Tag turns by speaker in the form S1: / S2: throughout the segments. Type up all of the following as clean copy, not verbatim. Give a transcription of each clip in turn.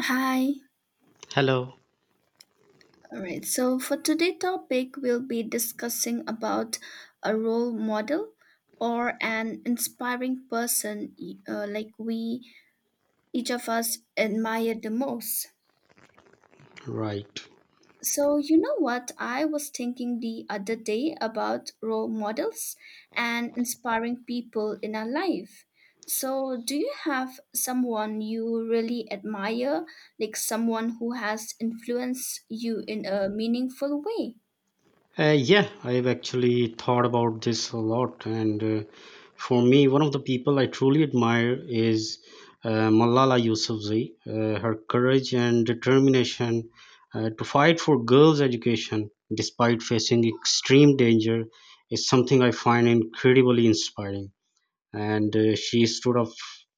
S1: Hi.
S2: Hello.
S1: All right. So for today' topic, we'll be discussing about a role model or an inspiring person like we each of us admire the most.
S2: Right.
S1: So you know what I was thinking the other day about role models and inspiring people in our life. So do you have someone you really admire, like someone who has influenced you in a meaningful way?
S2: Yeah, I've actually thought about this a lot. And For me, one of the people I truly admire is Malala Yousafzai. Her courage and determination to fight for girls' education despite facing extreme danger is something I find incredibly inspiring. And she stood up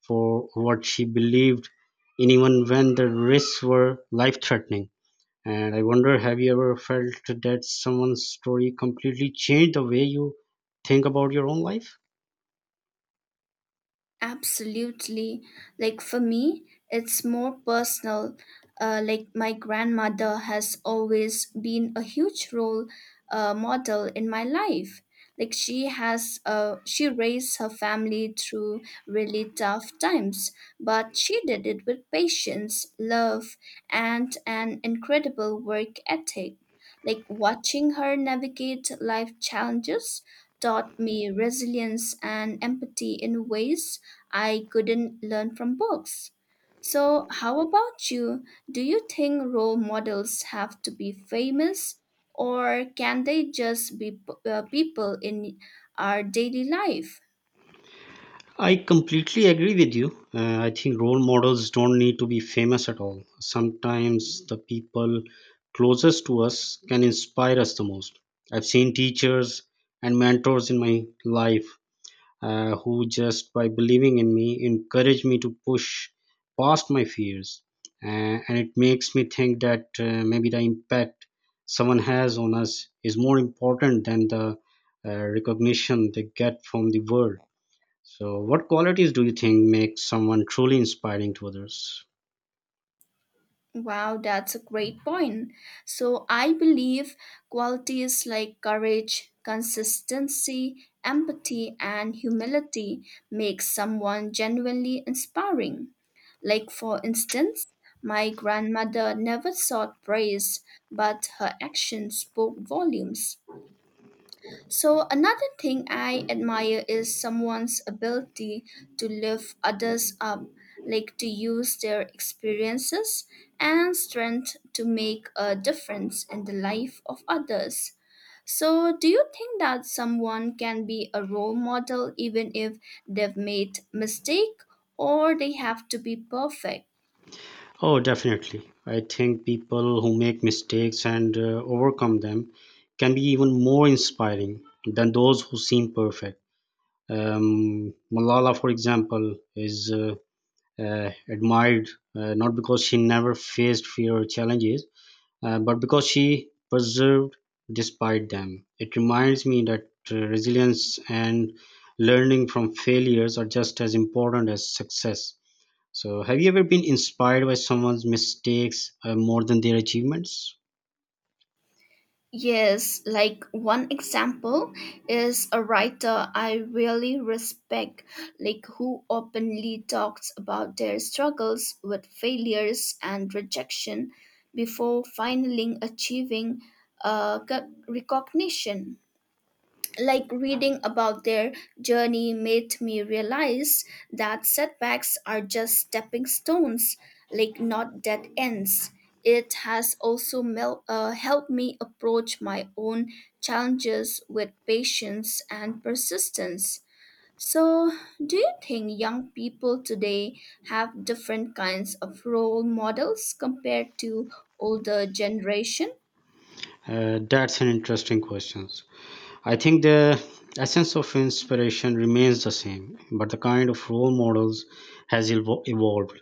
S2: for what she believed in, even when the risks were life threatening. And I wonder, have you ever felt that someone's story completely changed the way you think about your own life?
S1: Absolutely. Like for me, it's more personal. Like my grandmother has always been a huge role model in my life. She raised her family through really tough times, but she did it with patience, love, and an incredible work ethic. Like watching her navigate life challenges taught me resilience and empathy in ways I couldn't learn from books. So, how about you? Do you think role models have to be famous, or can they just be people in our daily life?
S2: I completely agree with you. I think role models don't need to be famous at all. Sometimes the people closest to us can inspire us the most. I've seen teachers and mentors in my life who just by believing in me encouraged me to push past my fears. And it makes me think that maybe the impact someone has on us is more important than the recognition they get from the world. So, what qualities do you think make someone truly inspiring to others?
S1: Wow, that's a great point. So I believe qualities like courage, consistency, empathy, and humility make someone genuinely inspiring. Like for instance, my grandmother never sought praise, but her actions spoke volumes. So, another thing I admire is someone's ability to lift others up, like to use their experiences and strength to make a difference in the life of others. So, do you think that someone can be a role model even if they've made mistake or they have to be perfect?
S2: Oh, definitely. I think people who make mistakes and overcome them can be even more inspiring than those who seem perfect. Malala, for example, is admired not because she never faced fear or challenges, but because she persevered despite them. It reminds me that resilience and learning from failures are just as important as success. So, have you ever been inspired by someone's mistakes more than their achievements?
S1: Yes, like one example is a writer I really respect, like who openly talks about their struggles with failures and rejection before finally achieving recognition. Like reading about their journey made me realize that setbacks are just stepping stones, like not dead ends. It has also helped me approach my own challenges with patience and persistence. So, do you think young people today have different kinds of role models compared to older generation?
S2: That's an interesting question. I think the essence of inspiration remains the same, but the kind of role models has evolved.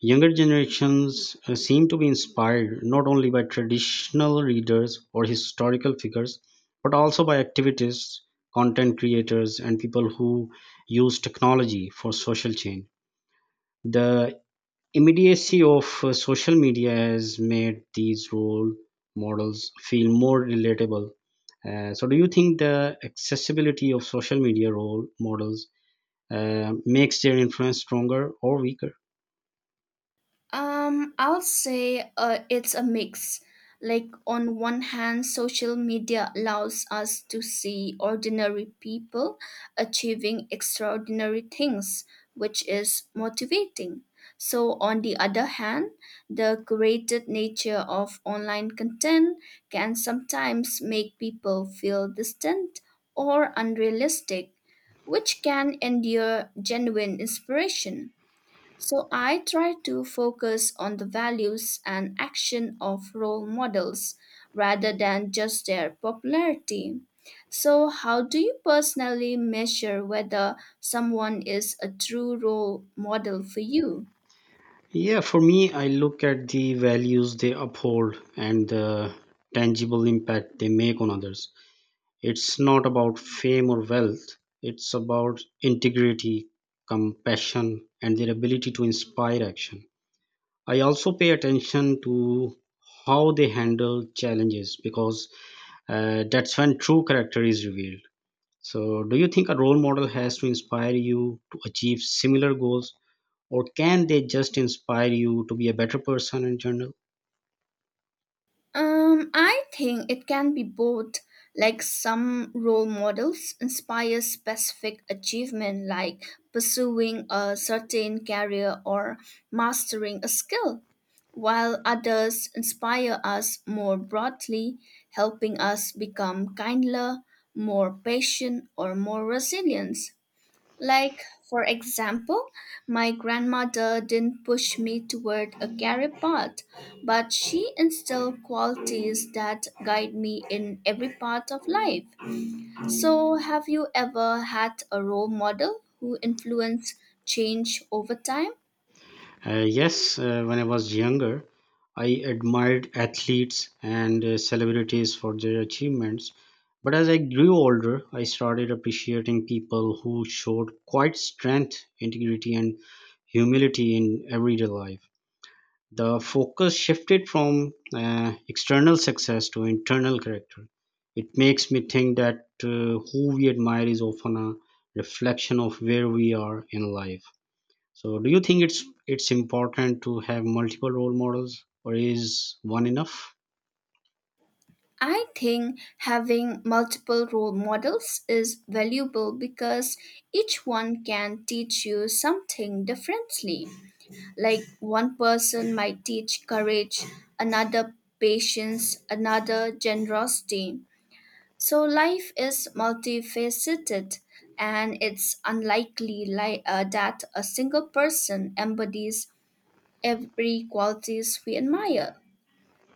S2: Younger generations seem to be inspired not only by traditional readers or historical figures, but also by activists, content creators, and people who use technology for social change. The immediacy of social media has made these role models feel more relatable. So, do you think the accessibility of social media role models makes their influence stronger or weaker?
S1: I would say it's a mix. Like, on one hand, social media allows us to see ordinary people achieving extraordinary things, which is motivating. So, on the other hand, the curated nature of online content can sometimes make people feel distant or unrealistic, which can endure genuine inspiration. So I try to focus on the values and action of role models rather than just their popularity. So, how do you personally measure whether someone is a true role model for you?
S2: Yeah, for me, I look at the values they uphold and the tangible impact they make on others. It's not about fame or wealth, it's about integrity, compassion, and their ability to inspire action. I also pay attention to how they handle challenges because that's when true character is revealed. So, do you think a role model has to inspire you to achieve similar goals, or can they just inspire you to be a better person in general?
S1: I think it can be both. Like some role models inspire specific achievement, like pursuing a certain career or mastering a skill, while others inspire us more broadly, helping us become kinder, more patient, or more resilient. Like, for example, my grandmother didn't push me toward a career path, but she instilled qualities that guide me in every part of life. So, have you ever had a role model who influenced change over time?
S2: Yes, when I was younger, I admired athletes and celebrities for their achievements. But as I grew older, I started appreciating people who showed quite strength, integrity, and humility in everyday life. The focus shifted from external success to internal character. It makes me think that who we admire is often a reflection of where we are in life. So do you think it's important to have multiple role models or is one enough?
S1: I think having multiple role models is valuable because each one can teach you something differently. Like one person might teach courage, another patience, another generosity. So life is multifaceted, and it's unlikely that a single person embodies every qualities we admire.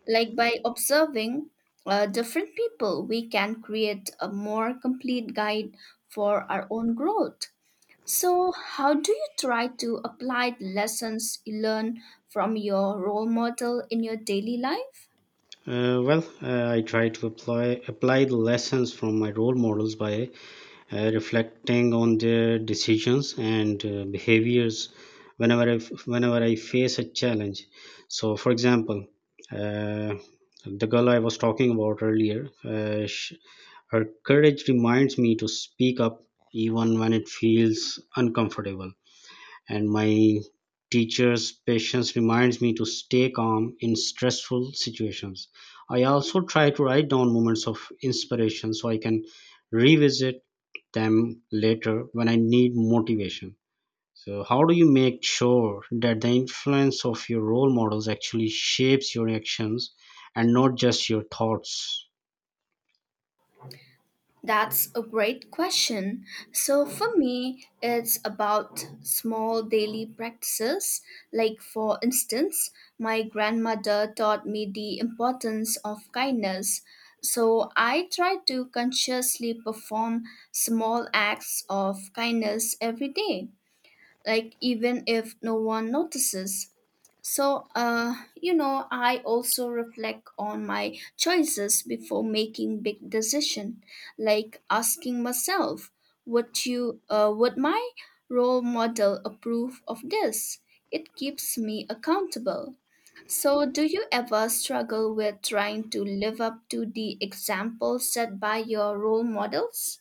S1: Like by observing different people, we can create a more complete guide for our own growth. So, how do you try to apply the lessons you learn from your role model in your daily life?
S2: Well, I try to apply the lessons from my role models by reflecting on their decisions and behaviors whenever I face a challenge. So, for example, uh, the girl I was talking about earlier, sh her courage reminds me to speak up even when it feels uncomfortable. And my teacher's patience reminds me to stay calm in stressful situations. I also try to write down moments of inspiration so I can revisit them later when I need motivation. So, how do you make sure that the influence of your role models actually shapes your actions and not just your thoughts?
S1: That's a great question. So, for me, it's about small daily practices. Like, for instance, my grandmother taught me the importance of kindness. So, I try to consciously perform small acts of kindness every day, like, even if no one notices. So, you know, I also reflect on my choices before making big decision, like asking myself, would my role model approve of this? It keeps me accountable. So, do you ever struggle with trying to live up to the example set by your role models?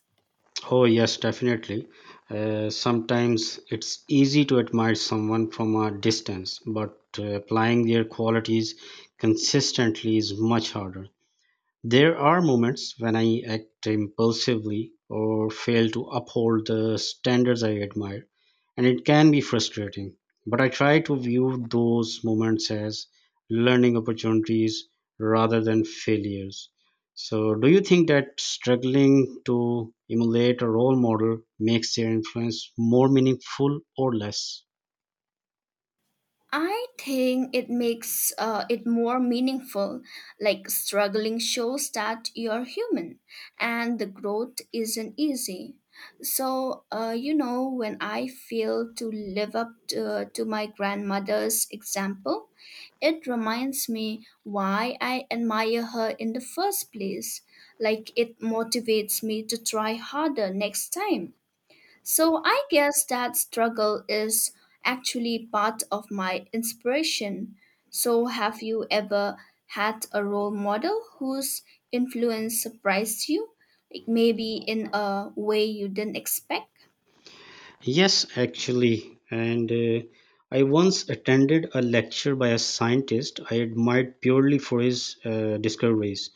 S2: Oh, yes, definitely. Sometimes it's easy to admire someone from a distance, but applying their qualities consistently is much harder. There are moments when I act impulsively or fail to uphold the standards I admire, and it can be frustrating. But I try to view those moments as learning opportunities rather than failures. So, do you think that struggling to emulate a role model makes their influence more meaningful or less?
S1: I think it makes it more meaningful. Like struggling shows that you're human, and the growth isn't easy. So you know when I fail to live up to my grandmother's example, it reminds me why I admire her in the first place. Like it motivates me to try harder next time. So I guess that struggle is actually part of my inspiration. So have you ever had a role model whose influence surprised you? Like maybe in a way you didn't expect?
S2: Yes, actually. And I once attended a lecture by a scientist I admired purely for his discoveries.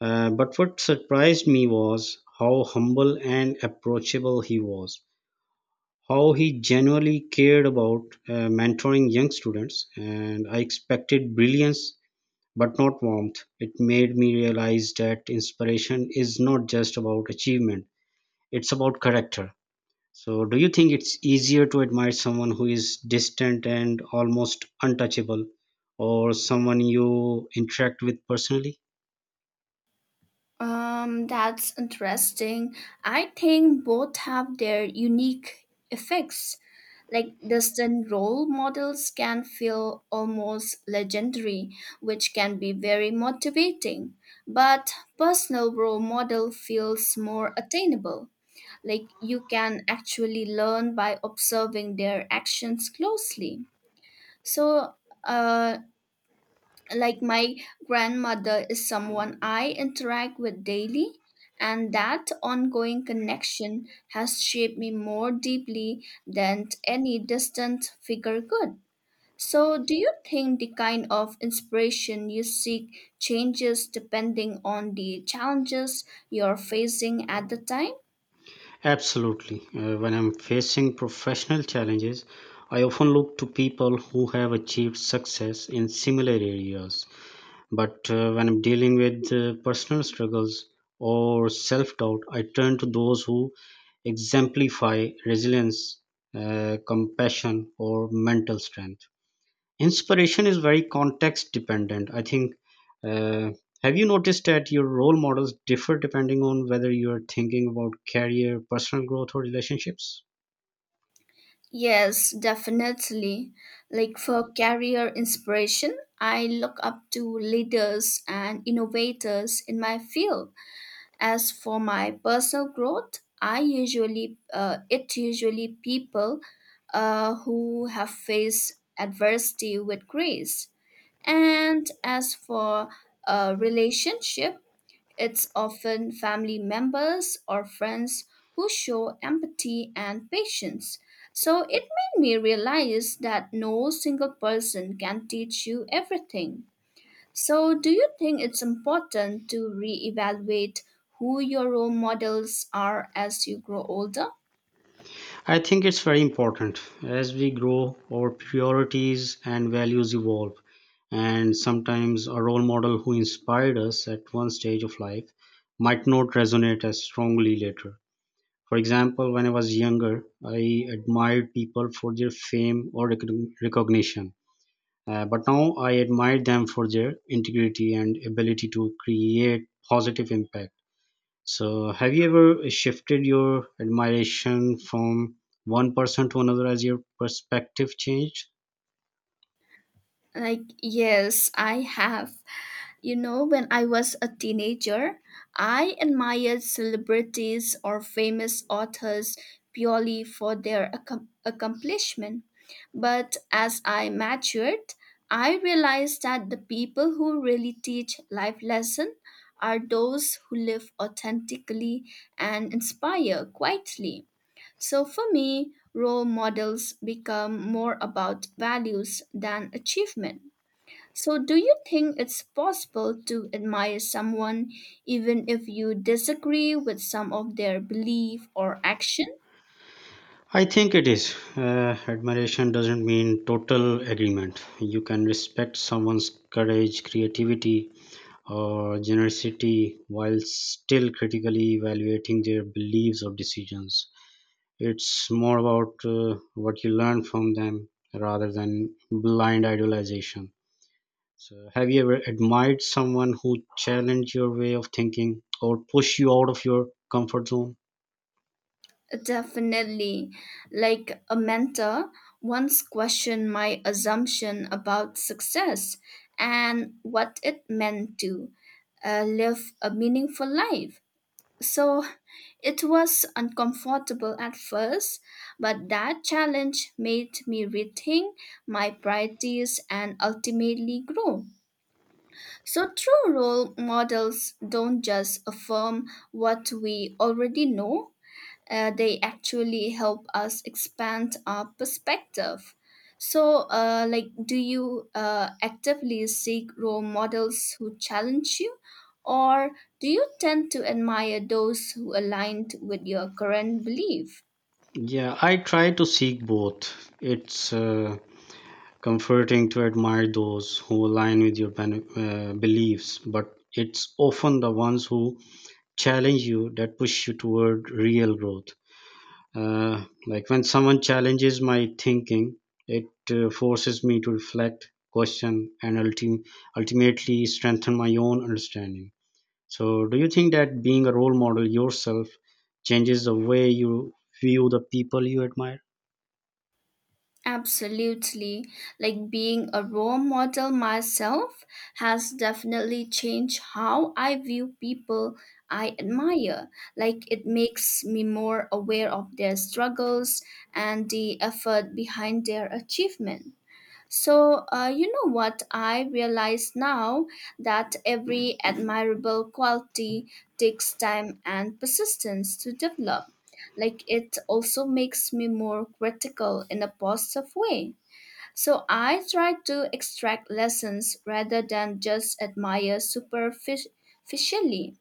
S2: But what surprised me was how humble and approachable he was, how he genuinely cared about mentoring young students. And I expected brilliance but not warmth. It made me realize that inspiration is not just about achievement, it's about character. So, do you think it's easier to admire someone who is distant and almost untouchable, or someone you interact with personally?
S1: That's interesting. I think both have their unique effects. Like distant role models can feel almost legendary, which can be very motivating. But personal role model feels more attainable. Like you can actually learn by observing their actions closely. So, uh, like my grandmother is someone I interact with daily, and that ongoing connection has shaped me more deeply than any distant figure could. So, do you think the kind of inspiration you seek changes depending on the challenges you're facing at the time?
S2: Absolutely. When I'm facing professional challenges, I often look to people who have achieved success in similar areas. But when I'm dealing with personal struggles or self doubt, I turn to those who exemplify resilience, compassion, or mental strength. Inspiration is very context dependent. I think. Uh, have you noticed that your role models differ depending on whether you are thinking about career, personal growth, or relationships?
S1: Yes, definitely. Like for career inspiration, I look up to leaders and innovators in my field. As for my personal growth, I usually it usually people who have faced adversity with grace. And as for a relationship, it's often family members or friends who show empathy and patience. So it made me realize that no single person can teach you everything. So, do you think it's important to reevaluate who your role models are as you grow older?
S2: I think it's very important. As we grow, our priorities and values evolve. And sometimes a role model who inspired us at one stage of life might not resonate as strongly later. For example, when I was younger, I admired people for their fame or recognition. But now I admire them for their integrity and ability to create positive impact. So, have you ever shifted your admiration from one person to another as your perspective changed?
S1: Like, yes, I have. You know, when I was a teenager, I admired celebrities or famous authors purely for their accomplishment. But as I matured, I realized that the people who really teach life lesson are those who live authentically and inspire quietly. So for me, role models become more about values than achievement. So, do you think it's possible to admire someone even if you disagree with some of their belief or action?
S2: I think it is. Admiration doesn't mean total agreement. You can respect someone's courage, creativity, or generosity while still critically evaluating their beliefs or decisions. It's more about what you learn from them rather than blind idolization. So, have you ever admired someone who challenged your way of thinking or pushed you out of your comfort zone?
S1: Definitely. Like a mentor once questioned my assumption about success and what it meant to live a meaningful life. So it was uncomfortable at first, but that challenge made me rethink my priorities and ultimately grow. So true role models don't just affirm what we already know, they actually help us expand our perspective. So, like, do you actively seek role models who challenge you, or do you tend to admire those who aligned with your current belief?
S2: Yeah, I try to seek both. It's comforting to admire those who align with your beliefs, but it's often the ones who challenge you that push you toward real growth. Uh, like when someone challenges my thinking, it forces me to reflect, question, and ultimately strengthen my own understanding. So do you think that being a role model yourself changes the way you view the people you admire?
S1: Absolutely. Like being a role model myself has definitely changed how I view people I admire. Like it makes me more aware of their struggles and the effort behind their achievement. So, you know what? I realize now that every admirable quality takes time and persistence to develop. Like, it also makes me more critical in a positive way. So, I try to extract lessons rather than just admire superficially.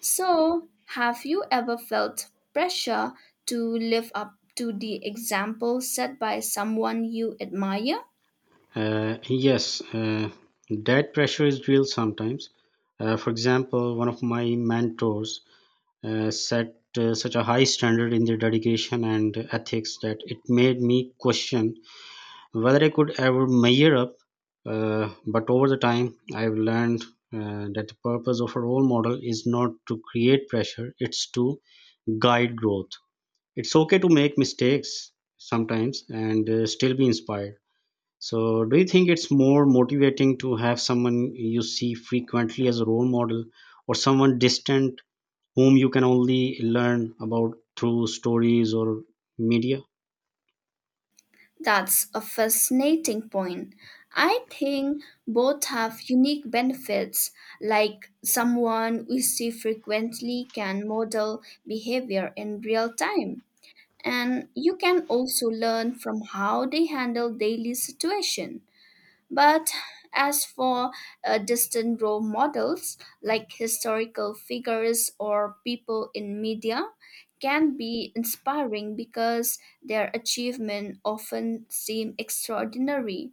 S1: So, have you ever felt pressure to live up to the example set by someone you admire?
S2: Yes, that pressure is real sometimes. Uh, for example, one of my mentors set such a high standard in their dedication and ethics that it made me question whether I could ever measure up. But over the time, I've learned that the purpose of a role model is not to create pressure, it's to guide growth. It's okay to make mistakes sometimes and still be inspired. So, do you think it's more motivating to have someone you see frequently as a role model or someone distant whom you can only learn about through stories or media?
S1: That's a fascinating point. I think both have unique benefits, like someone we see frequently can model behavior in real time, and you can also learn from how they handle daily situation. But as for distant role models, like historical figures or people in media, can be inspiring because their achievements often seem extraordinary.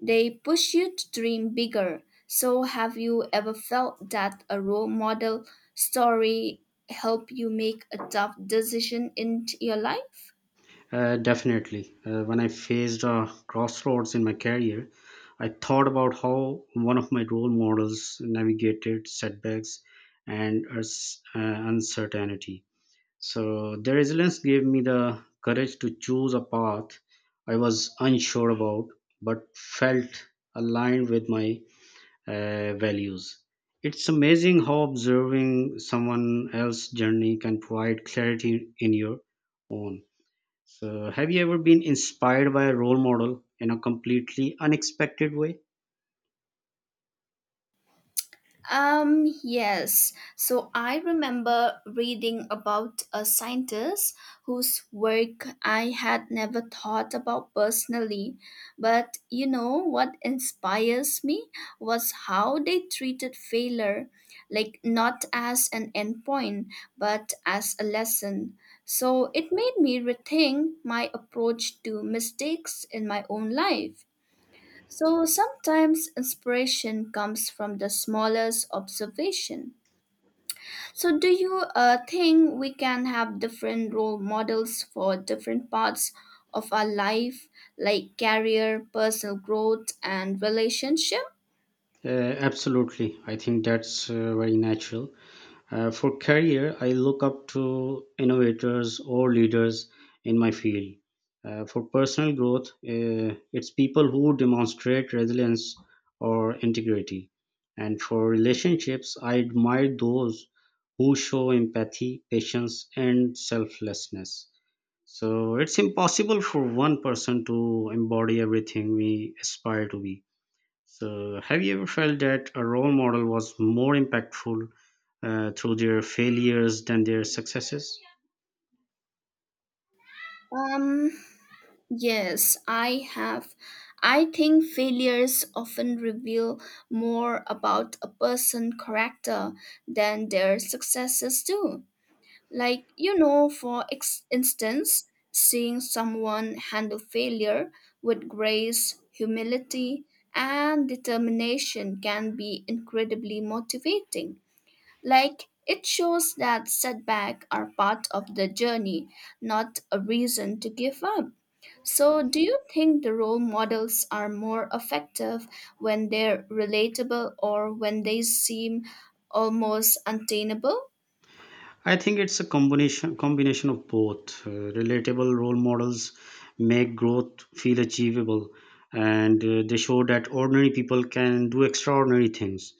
S1: They push you to dream bigger. So, have you ever felt that a role model story helped you make a tough decision in your life?
S2: Definitely. When I faced a crossroads in my career, I thought about how one of my role models navigated setbacks and uncertainty. So, their resilience gave me the courage to choose a path I was unsure about but felt aligned with my values. It's amazing how observing someone else's journey can provide clarity in your own. So, have you ever been inspired by a role model in a completely unexpected way?
S1: Yes. So I remember reading about a scientist whose work I had never thought about personally. But you know what inspires me was how they treated failure, like not as an endpoint, but as a lesson. So it made me rethink my approach to mistakes in my own life. So sometimes inspiration comes from the smallest observation. So, do you think we can have different role models for different parts of our life, like career, personal growth, and relationship?
S2: Absolutely. I think that's very natural. For career, I look up to innovators or leaders in my field. For personal growth, it's people who demonstrate resilience or integrity. And for relationships, I admire those who show empathy, patience, and selflessness. So it's impossible for one person to embody everything we aspire to be. So, have you ever felt that a role model was more impactful through their failures than their successes?
S1: Um, yes, I have. I think failures often reveal more about a person's character than their successes do. Like, you know, for instance, seeing someone handle failure with grace, humility, and determination can be incredibly motivating. Like, it shows that setbacks are part of the journey, not a reason to give up. So, do you think the role models are more effective when they're relatable or when they seem almost untainable?
S2: I think it's a combination of both. Relatable role models make growth feel achievable, and they show that ordinary people can do extraordinary things.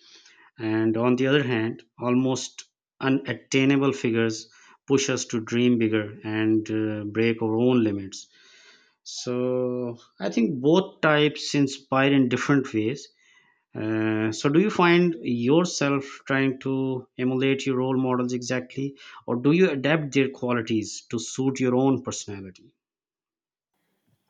S2: And on the other hand, almost unattainable figures push us to dream bigger and break our own limits. So I think both types inspire in different ways. So do you find yourself trying to emulate your role models exactly, or do you adapt their qualities to suit your own personality?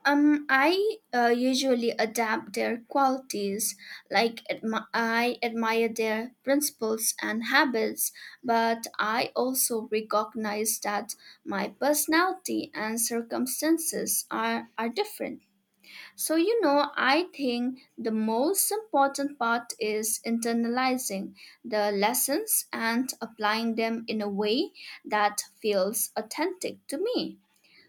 S1: I usually adapt their qualities, like I admire their principles and habits, but I also recognize that my personality and circumstances are different. So, you know, I think the most important part is internalizing the lessons and applying them in a way that feels authentic to me,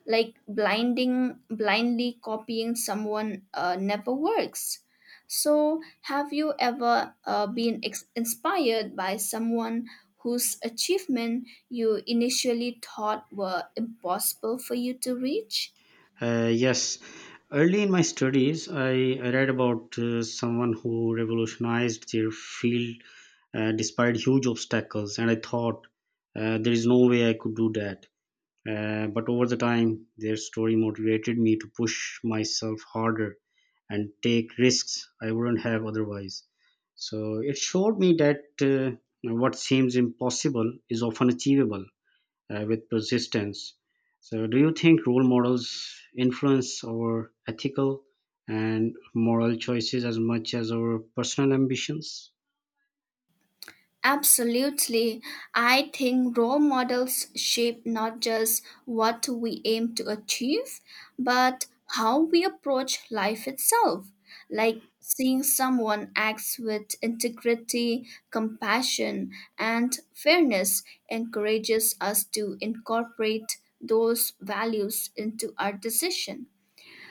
S1: like blinding blindly copying someone never works. So have you ever inspired by someone whose achievement you initially thought were impossible for you to reach?
S2: Yes. Early in my studies, I read about someone who revolutionized their field despite huge obstacles, and I thought there is no way I could do that. But over the time, their story motivated me to push myself harder and take risks I wouldn't have otherwise. So it showed me that what seems impossible is often achievable with persistence. So, do you think role models influence our ethical and moral choices as much as our personal ambitions?
S1: Absolutely. I think role models shape not just what we aim to achieve, but how we approach life itself. Like seeing someone acts with integrity, compassion, and fairness encourages us to incorporate those values into our decision.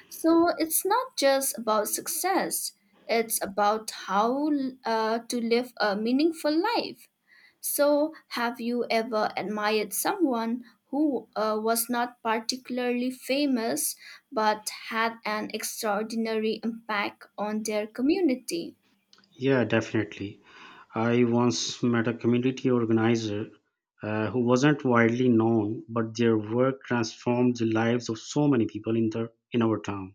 S1: So it's not just about success, it's about how to live a meaningful life. So, have you ever admired someone who was not particularly famous but had an extraordinary impact on their community?
S2: Yeah, definitely. I once met a community organizer who wasn't widely known, but their work transformed the lives of so many people in our town.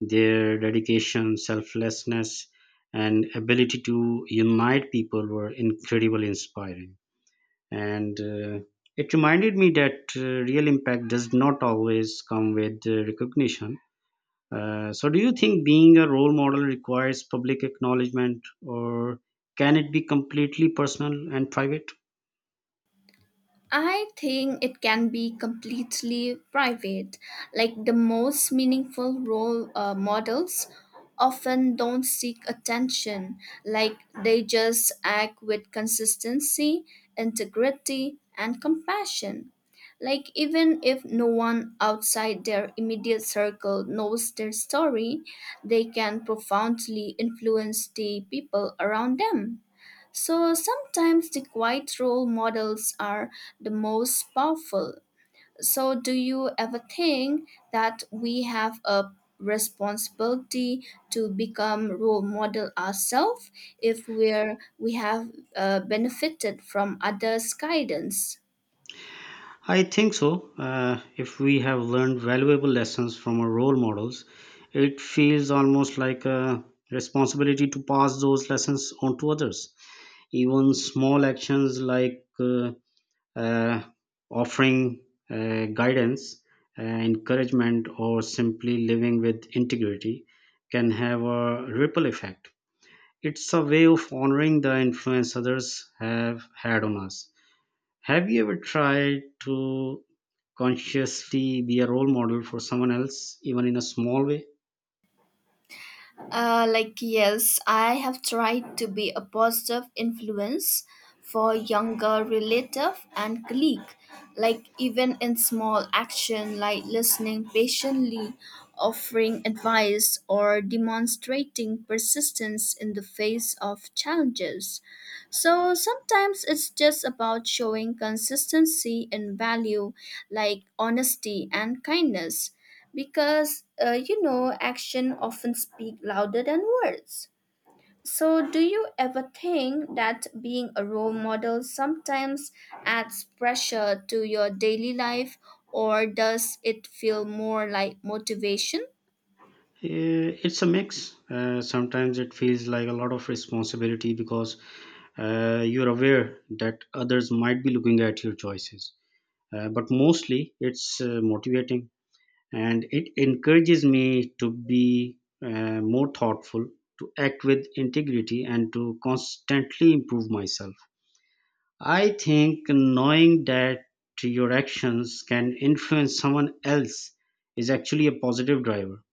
S2: Their dedication, selflessness, and ability to unite people were incredibly inspiring. And It reminded me that real impact does not always come with recognition. So, do you think being a role model requires public acknowledgement, or can it be completely personal and private?
S1: I think it can be completely private. Like the most meaningful role models often don't seek attention, like they just act with consistency, integrity, and compassion. Like, even if no one outside their immediate circle knows their story, they can profoundly influence the people around them. So sometimes the quiet role models are the most powerful. So, do you ever think that we have a responsibility to become role model ourselves if we have benefited from others' guidance?
S2: I think so. If we have learned valuable lessons from our role models, it feels almost like a responsibility to pass those lessons on to others. Even small actions like uh, offering guidance, encouragement, or simply living with integrity can have a ripple effect. It's a way of honoring the influence others have had on us. Have you ever tried to consciously be a role model for someone else, even in a small way?
S1: Like, yes, I have tried to be a positive influence for younger relative and colleague. Like, even in small action, like listening patiently, offering advice, or demonstrating persistence in the face of challenges. So sometimes it's just about showing consistency in value like honesty and kindness, because you know action often speak louder than words. So do you ever think that being a role model sometimes adds pressure to your daily life or does it feel more like motivation?
S2: Eh, it's a mix. Sometimes it feels like a lot of responsibility because you're aware that others might be looking at your choices. But mostly it's motivating, and it encourages me to be more thoughtful, to act with integrity, and to constantly improve myself. I think knowing that your actions can influence someone else is actually a positive driver.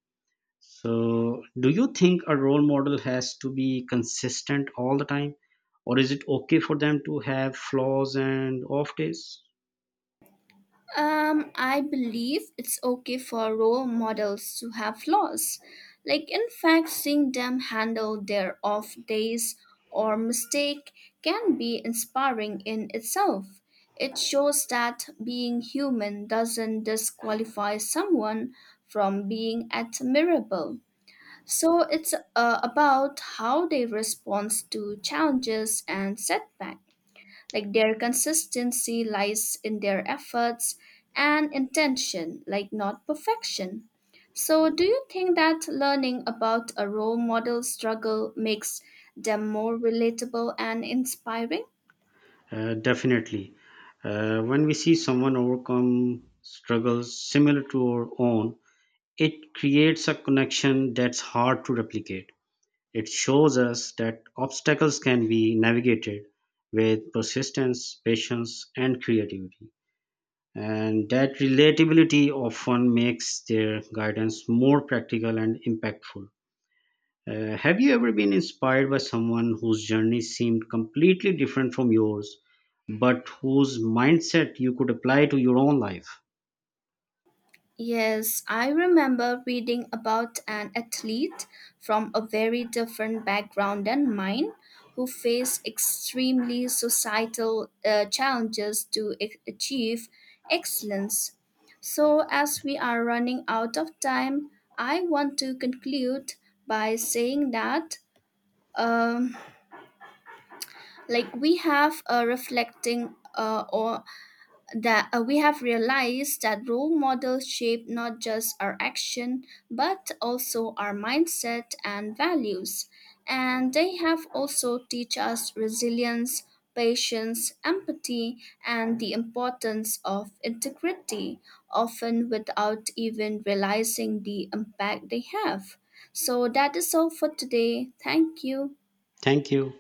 S2: So do you think a role model has to be consistent all the time, or is it okay for them to have flaws and off days?
S1: I believe it's okay for role models to have flaws. Like, in fact, seeing them handle their off days or mistake can be inspiring in itself. It shows that being human doesn't disqualify someone from being admirable. So, it's about how they respond to challenges and setbacks. Like their consistency lies in their efforts and intention, like not perfection. So, do you think that learning about a role model struggle makes them more relatable and inspiring?
S2: Definitely. When we see someone overcome struggles similar to our own, it creates a connection that's hard to replicate. It shows us that obstacles can be navigated with persistence, patience, and creativity. And that relatability often makes their guidance more practical and impactful. Have you ever been inspired by someone whose journey seemed completely different from yours, but whose mindset you could apply to your own life?
S1: Yes, I remember reading about an athlete from a very different background than mine who faced extremely societal challenges to achieve excellence. So, as we are running out of time, I want to conclude by saying that um, like we have reflecting or that we have realized that role models shape not just our action but also our mindset and values, and they have also teach us resilience, patience, empathy, and the importance of integrity, often without even realizing the impact they have. So that is all for today. Thank you.
S2: Thank you.